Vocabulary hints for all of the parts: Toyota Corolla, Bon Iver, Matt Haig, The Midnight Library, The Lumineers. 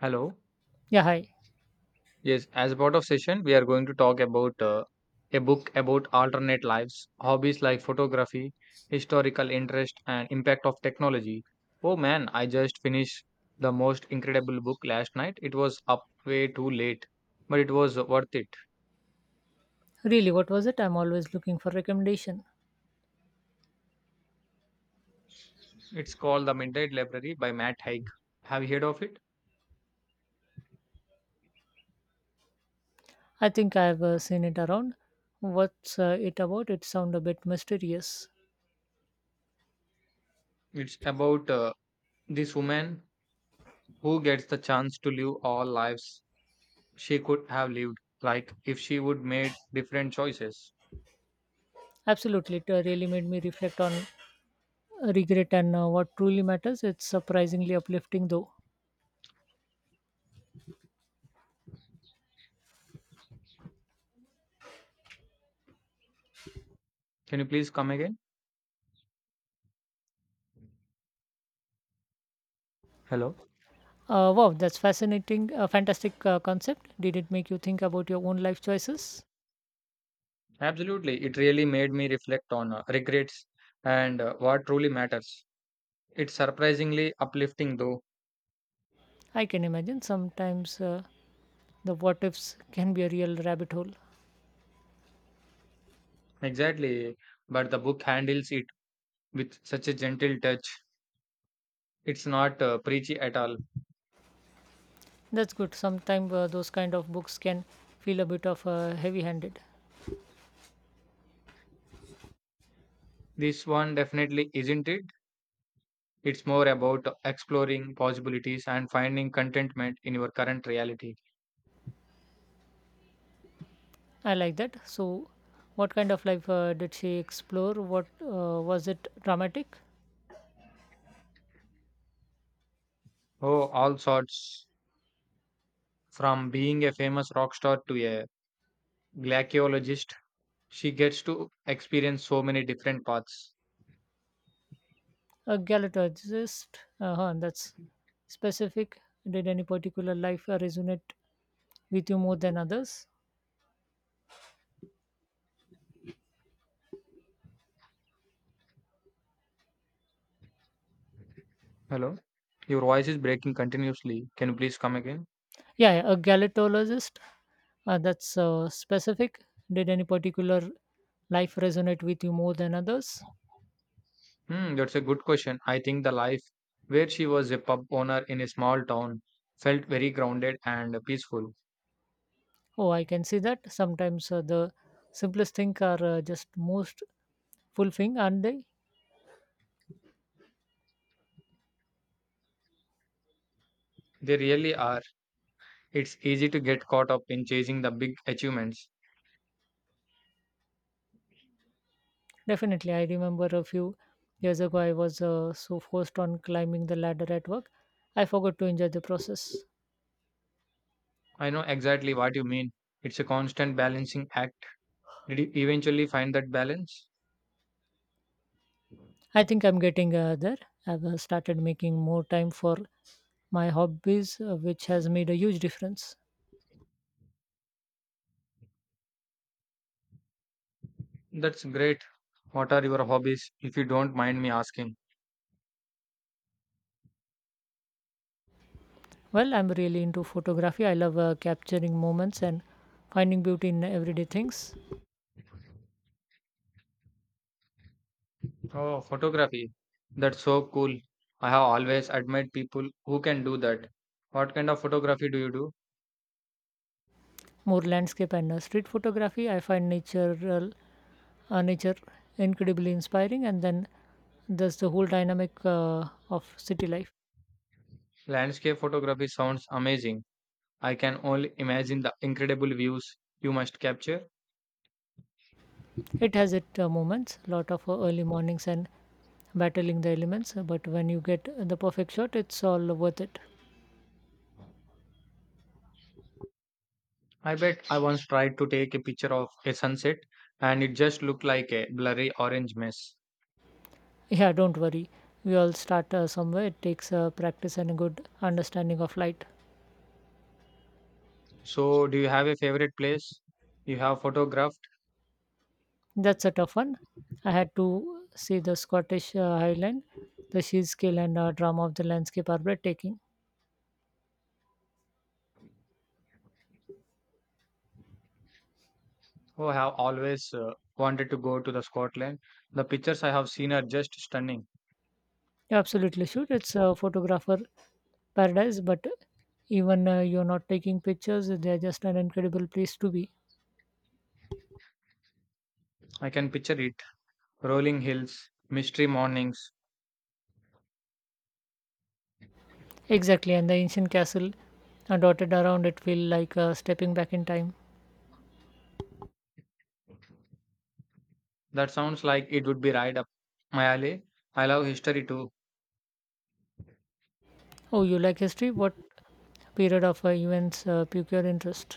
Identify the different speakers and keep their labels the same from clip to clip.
Speaker 1: Hello.
Speaker 2: Yeah, hi.
Speaker 1: Yes, as a part of session, we are going to talk about a book about alternate lives, hobbies like photography, historical interest, and impact of technology. Oh man, I just finished the most incredible book last night. It was up way too late, but it was worth it.
Speaker 2: Really, what was it? I'm always looking for recommendation.
Speaker 1: It's called The Midnight Library by Matt Haig. Have you heard of it?
Speaker 2: I think I've seen it around. What's it about? It sound a bit mysterious.
Speaker 1: It's about this woman who gets the chance to live all lives she could have lived, like if she would made different choices.
Speaker 2: Absolutely, it really made me reflect on regret and what truly matters. It's surprisingly uplifting, though.
Speaker 1: Can you please come again? Hello?
Speaker 2: Wow, that's fascinating, fantastic concept. Did it make you think about your own life choices?
Speaker 1: Absolutely. It really made me reflect on regrets and what truly matters. It's surprisingly uplifting, though.
Speaker 2: I can imagine sometimes the what ifs can be a real rabbit hole.
Speaker 1: Exactly. But the book handles it with such a gentle touch. It's not preachy at all.
Speaker 2: That's good. Sometimes those kind of books can feel a bit of heavy-handed.
Speaker 1: This one definitely isn't it. It's more about exploring possibilities and finding contentment in your current reality.
Speaker 2: I like that. So, what kind of life did she explore? What was it dramatic?
Speaker 1: Oh, all sorts. From being a famous rock star to a glaciologist. She gets to experience so many different paths.
Speaker 2: A galactologist? Uh-huh, that's specific. Did any particular life resonate with you more than others?
Speaker 1: Hello, your voice is breaking continuously. Can you please come again?
Speaker 2: Yeah, yeah, a galactologist. That's specific. Did any particular life resonate with you more than others?
Speaker 1: Hmm, that's a good question. I think the life where she was a pub owner in a small town felt very grounded and peaceful.
Speaker 2: Oh, I can see that. Sometimes the simplest things are just most fulfilling, aren't they?
Speaker 1: They really are. It's easy to get caught up in chasing the big achievements.
Speaker 2: Definitely, I remember a few years ago I was so forced on climbing the ladder at work. I forgot to enjoy the process.
Speaker 1: I know exactly what you mean. It's a constant balancing act. Did you eventually find that balance?
Speaker 2: I think I'm getting there. I've started making more time for my hobbies, which has made a huge difference.
Speaker 1: That's great. What are your hobbies, if you don't mind me asking?
Speaker 2: Well, I'm really into photography. I love capturing moments and finding beauty in everyday things.
Speaker 1: Oh, photography. That's so cool. I have always admired people who can do that. What kind of photography do you do?
Speaker 2: More landscape and street photography. I find nature incredibly inspiring, and then there's the whole dynamic of city life.
Speaker 1: Landscape photography sounds amazing. I can only imagine the incredible views you must capture.
Speaker 2: It has its moments, lot of early mornings and battling the elements, but when you get the perfect shot, it's all worth it.
Speaker 1: I bet I once tried to take a picture of a sunset and it just looked like a blurry orange mess.
Speaker 2: Yeah, don't worry. We all start somewhere. It takes practice and a good understanding of light.
Speaker 1: So, do you have a favorite place you have photographed?
Speaker 2: That's a tough one. I had to see the Scottish Highland. The sheer scale and drama of the landscape are breathtaking.
Speaker 1: Oh, I have always wanted to go to the Scotland. The pictures I have seen are just stunning.
Speaker 2: You absolutely should. It's a photographer paradise, but even you're not taking pictures, they're just an incredible place to be.
Speaker 1: I can picture rolling hills, mystery mornings.
Speaker 2: Exactly, and the ancient castle dotted around it feel like stepping back in time.
Speaker 1: That sounds like it would be right up my alley. I love history too.
Speaker 2: Oh, you like history? What period of events pique your interest?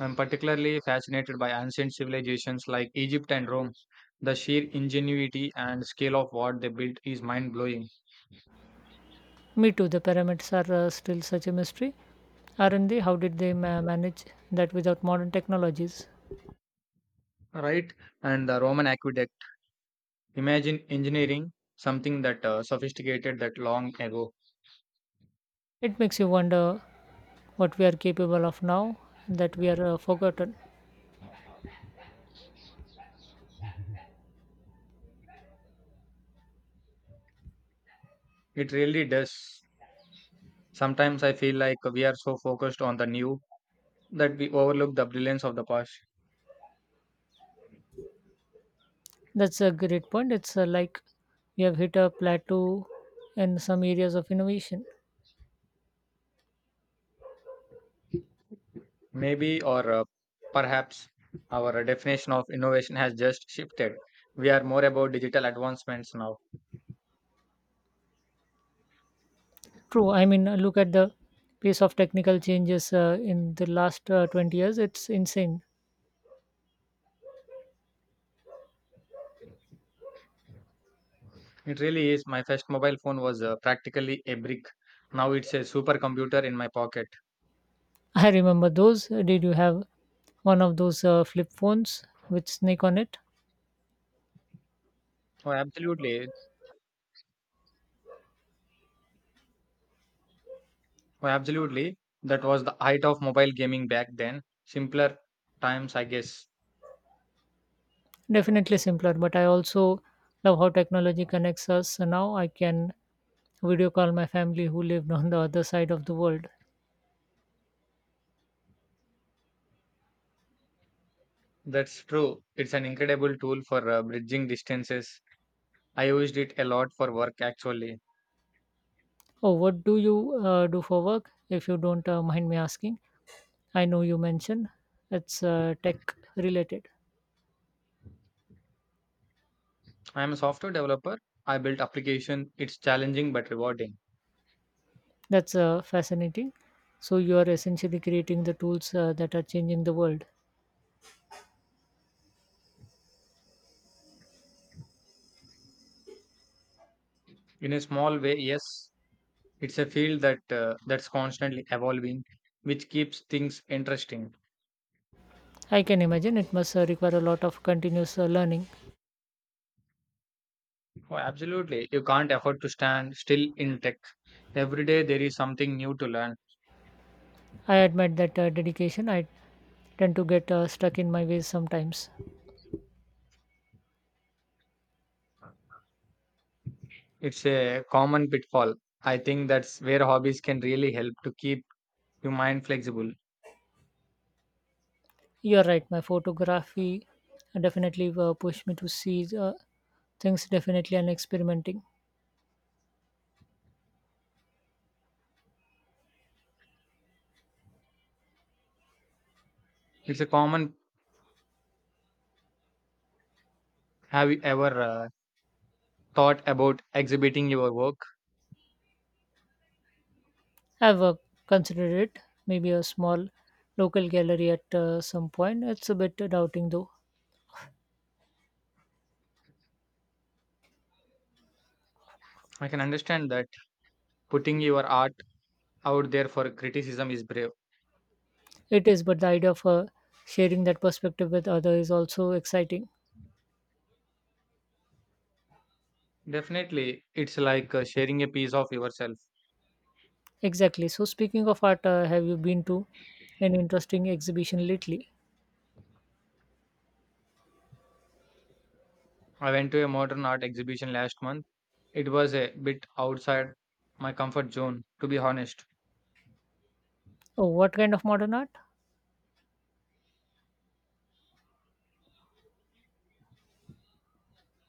Speaker 1: I'm particularly fascinated by ancient civilizations like Egypt and Rome. The sheer ingenuity and scale of what they built is mind blowing,
Speaker 2: Me too. The pyramids are still such a mystery, aren't they? How did they manage that without modern technologies?
Speaker 1: right? And the Roman aqueduct. Imagine engineering something that sophisticated that long ago.
Speaker 2: It makes you wonder what we are capable of now that we are forgotten.
Speaker 1: It really does. Sometimes I feel like we are so focused on the new that we overlook the brilliance of the past.
Speaker 2: That's a great point. It's like we have hit a plateau in some areas of innovation.
Speaker 1: Maybe, or perhaps, our definition of innovation has just shifted. We are more about digital advancements now.
Speaker 2: True. I mean, look at the pace of technical changes in the last 20 years. It's insane.
Speaker 1: It really is. My first mobile phone was practically a brick. Now it's a supercomputer in my pocket.
Speaker 2: I remember those. Did you have one of those flip phones with snake on it?
Speaker 1: Oh, absolutely. Oh, absolutely. That was the height of mobile gaming back then. Simpler times, I guess.
Speaker 2: Definitely simpler, but I also love how technology connects us. So now I can video call my family who lived on the other side of the world.
Speaker 1: That's true. It's an incredible tool for bridging distances. I used it a lot for work actually.
Speaker 2: Oh, what do you do for work? If you don't mind me asking, I know you mentioned it's tech related.
Speaker 1: I am a software developer. I built application. It's challenging but rewarding.
Speaker 2: That's fascinating. So you are essentially creating the tools that are changing the world.
Speaker 1: In a small way, yes. It's a field that that's constantly evolving, which keeps things interesting.
Speaker 2: I can imagine it must require a lot of continuous learning.
Speaker 1: Oh, absolutely. You can't afford to stand still in tech. Every day there is something new to learn.
Speaker 2: I admit that dedication. I tend to get stuck in my ways sometimes.
Speaker 1: It's a common pitfall. I think that's where hobbies can really help to keep your mind flexible.
Speaker 2: You're right. My photography definitely pushed me to see things definitely and experimenting.
Speaker 1: It's a common. Have you ever thought about exhibiting your work?
Speaker 2: I've considered it maybe a small local gallery at some point. It's a bit doubting though.
Speaker 1: I can understand that. Putting your art out there for criticism is brave.
Speaker 2: It is, but the idea of sharing that perspective with others is also exciting.
Speaker 1: Definitely. It's like sharing a piece of yourself.
Speaker 2: Exactly. So, speaking of art, have you been to an interesting exhibition lately?
Speaker 1: I went to a modern art exhibition last month. It was a bit outside my comfort zone, to be honest.
Speaker 2: Oh, what kind of modern art?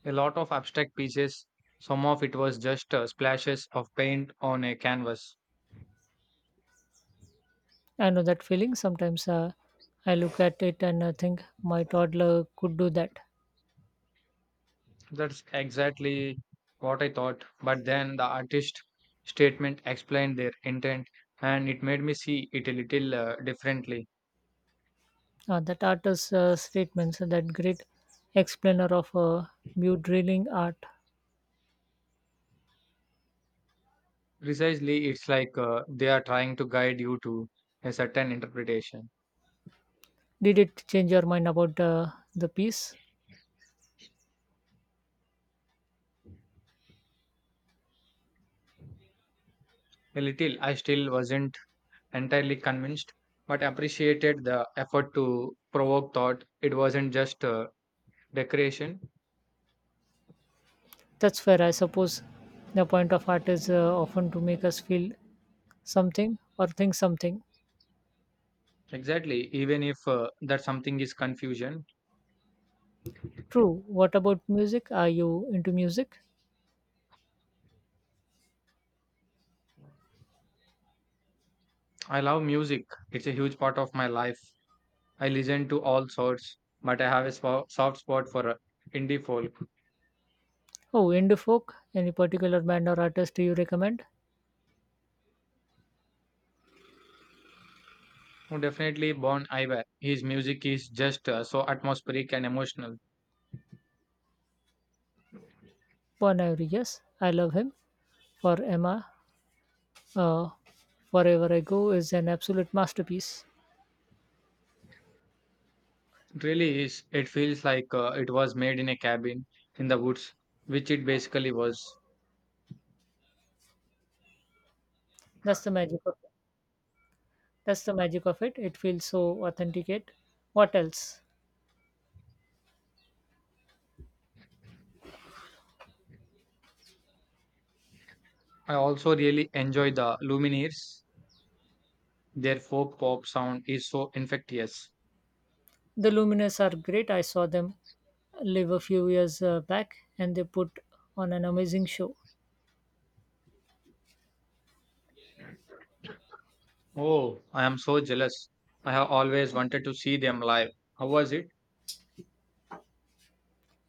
Speaker 1: A lot of abstract pieces, some of it was just splashes of paint on a canvas.
Speaker 2: I know that feeling. Sometimes I look at it and I think my toddler could do that.
Speaker 1: That's exactly what I thought. But then the artist statement explained their intent and it made me see it a little differently.
Speaker 2: That artist's statements, and that great explainer of new drilling art.
Speaker 1: Precisely, it's like they are trying to guide you to a certain interpretation.
Speaker 2: Did it change your mind about the piece?
Speaker 1: A little, I still wasn't entirely convinced, but appreciated the effort to provoke thought. It wasn't just decoration.
Speaker 2: That's fair. I suppose the point of art is often to make us feel something or think something.
Speaker 1: Exactly, even if that something is confusion.
Speaker 2: True. What about music? Are you into music?
Speaker 1: I love music, it's a huge part of my life. I listen to all sorts, but I have a soft spot for indie folk.
Speaker 2: Oh, indie folk. Any particular band or artist do you recommend?
Speaker 1: Oh, definitely Bon Iver. His music is just so atmospheric and emotional.
Speaker 2: Bon Iver, yes, I love him. For Emma, uh, wherever I go is an absolute masterpiece.
Speaker 1: It really is. It feels like it was made in a cabin in the woods, which it basically was.
Speaker 2: That's the magic of that's the magic of it. It feels so authenticate. What else?
Speaker 1: I also really enjoy the Lumineers. Their folk pop sound is so infectious.
Speaker 2: The Luminous are great. I saw them live a few years back and they put on an amazing show.
Speaker 1: Oh, I am so jealous. I have always wanted to see them live. How was it?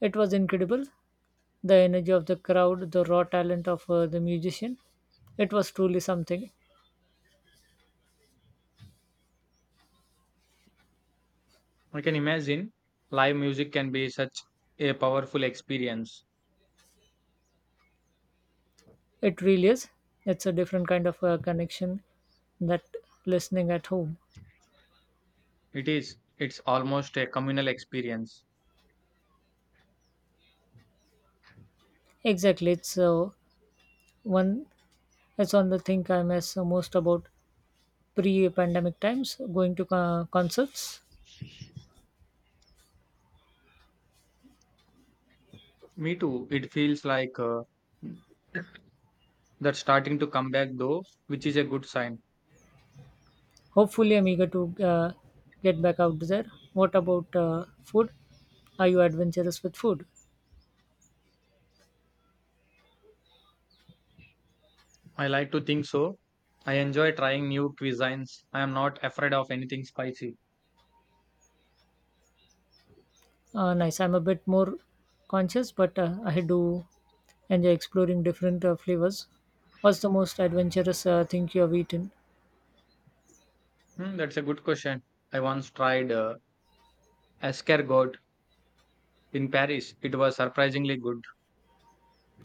Speaker 2: It was incredible. The energy of the crowd, the raw talent of the musician. It was truly something.
Speaker 1: I can imagine live music can be such a powerful experience.
Speaker 2: It really is. It's a different kind of connection that listening at home.
Speaker 1: It is. It's almost a communal experience.
Speaker 2: Exactly. It's one. It's on the thing I miss most about pre-pandemic times, going to concerts.
Speaker 1: Me too. It feels like that's starting to come back though, which is a good sign.
Speaker 2: Hopefully, I'm eager to get back out there. What about food? Are you adventurous with food?
Speaker 1: I like to think so. I enjoy trying new cuisines. I am not afraid of anything spicy.
Speaker 2: Nice. I'm a bit more conscious, but I do enjoy exploring different flavors. What's the most adventurous thing you have eaten?
Speaker 1: Hmm, that's a good question. I once tried escargot in Paris. It was surprisingly good.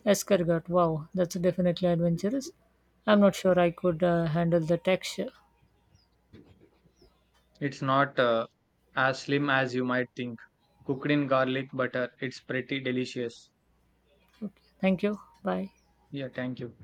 Speaker 2: Escargot. Wow, that's definitely adventurous. I'm not sure I could handle the texture.
Speaker 1: It's not as slim as you might think. Cooked in garlic butter, it's pretty delicious.
Speaker 2: Okay. Thank you. Bye.
Speaker 1: Yeah, thank you.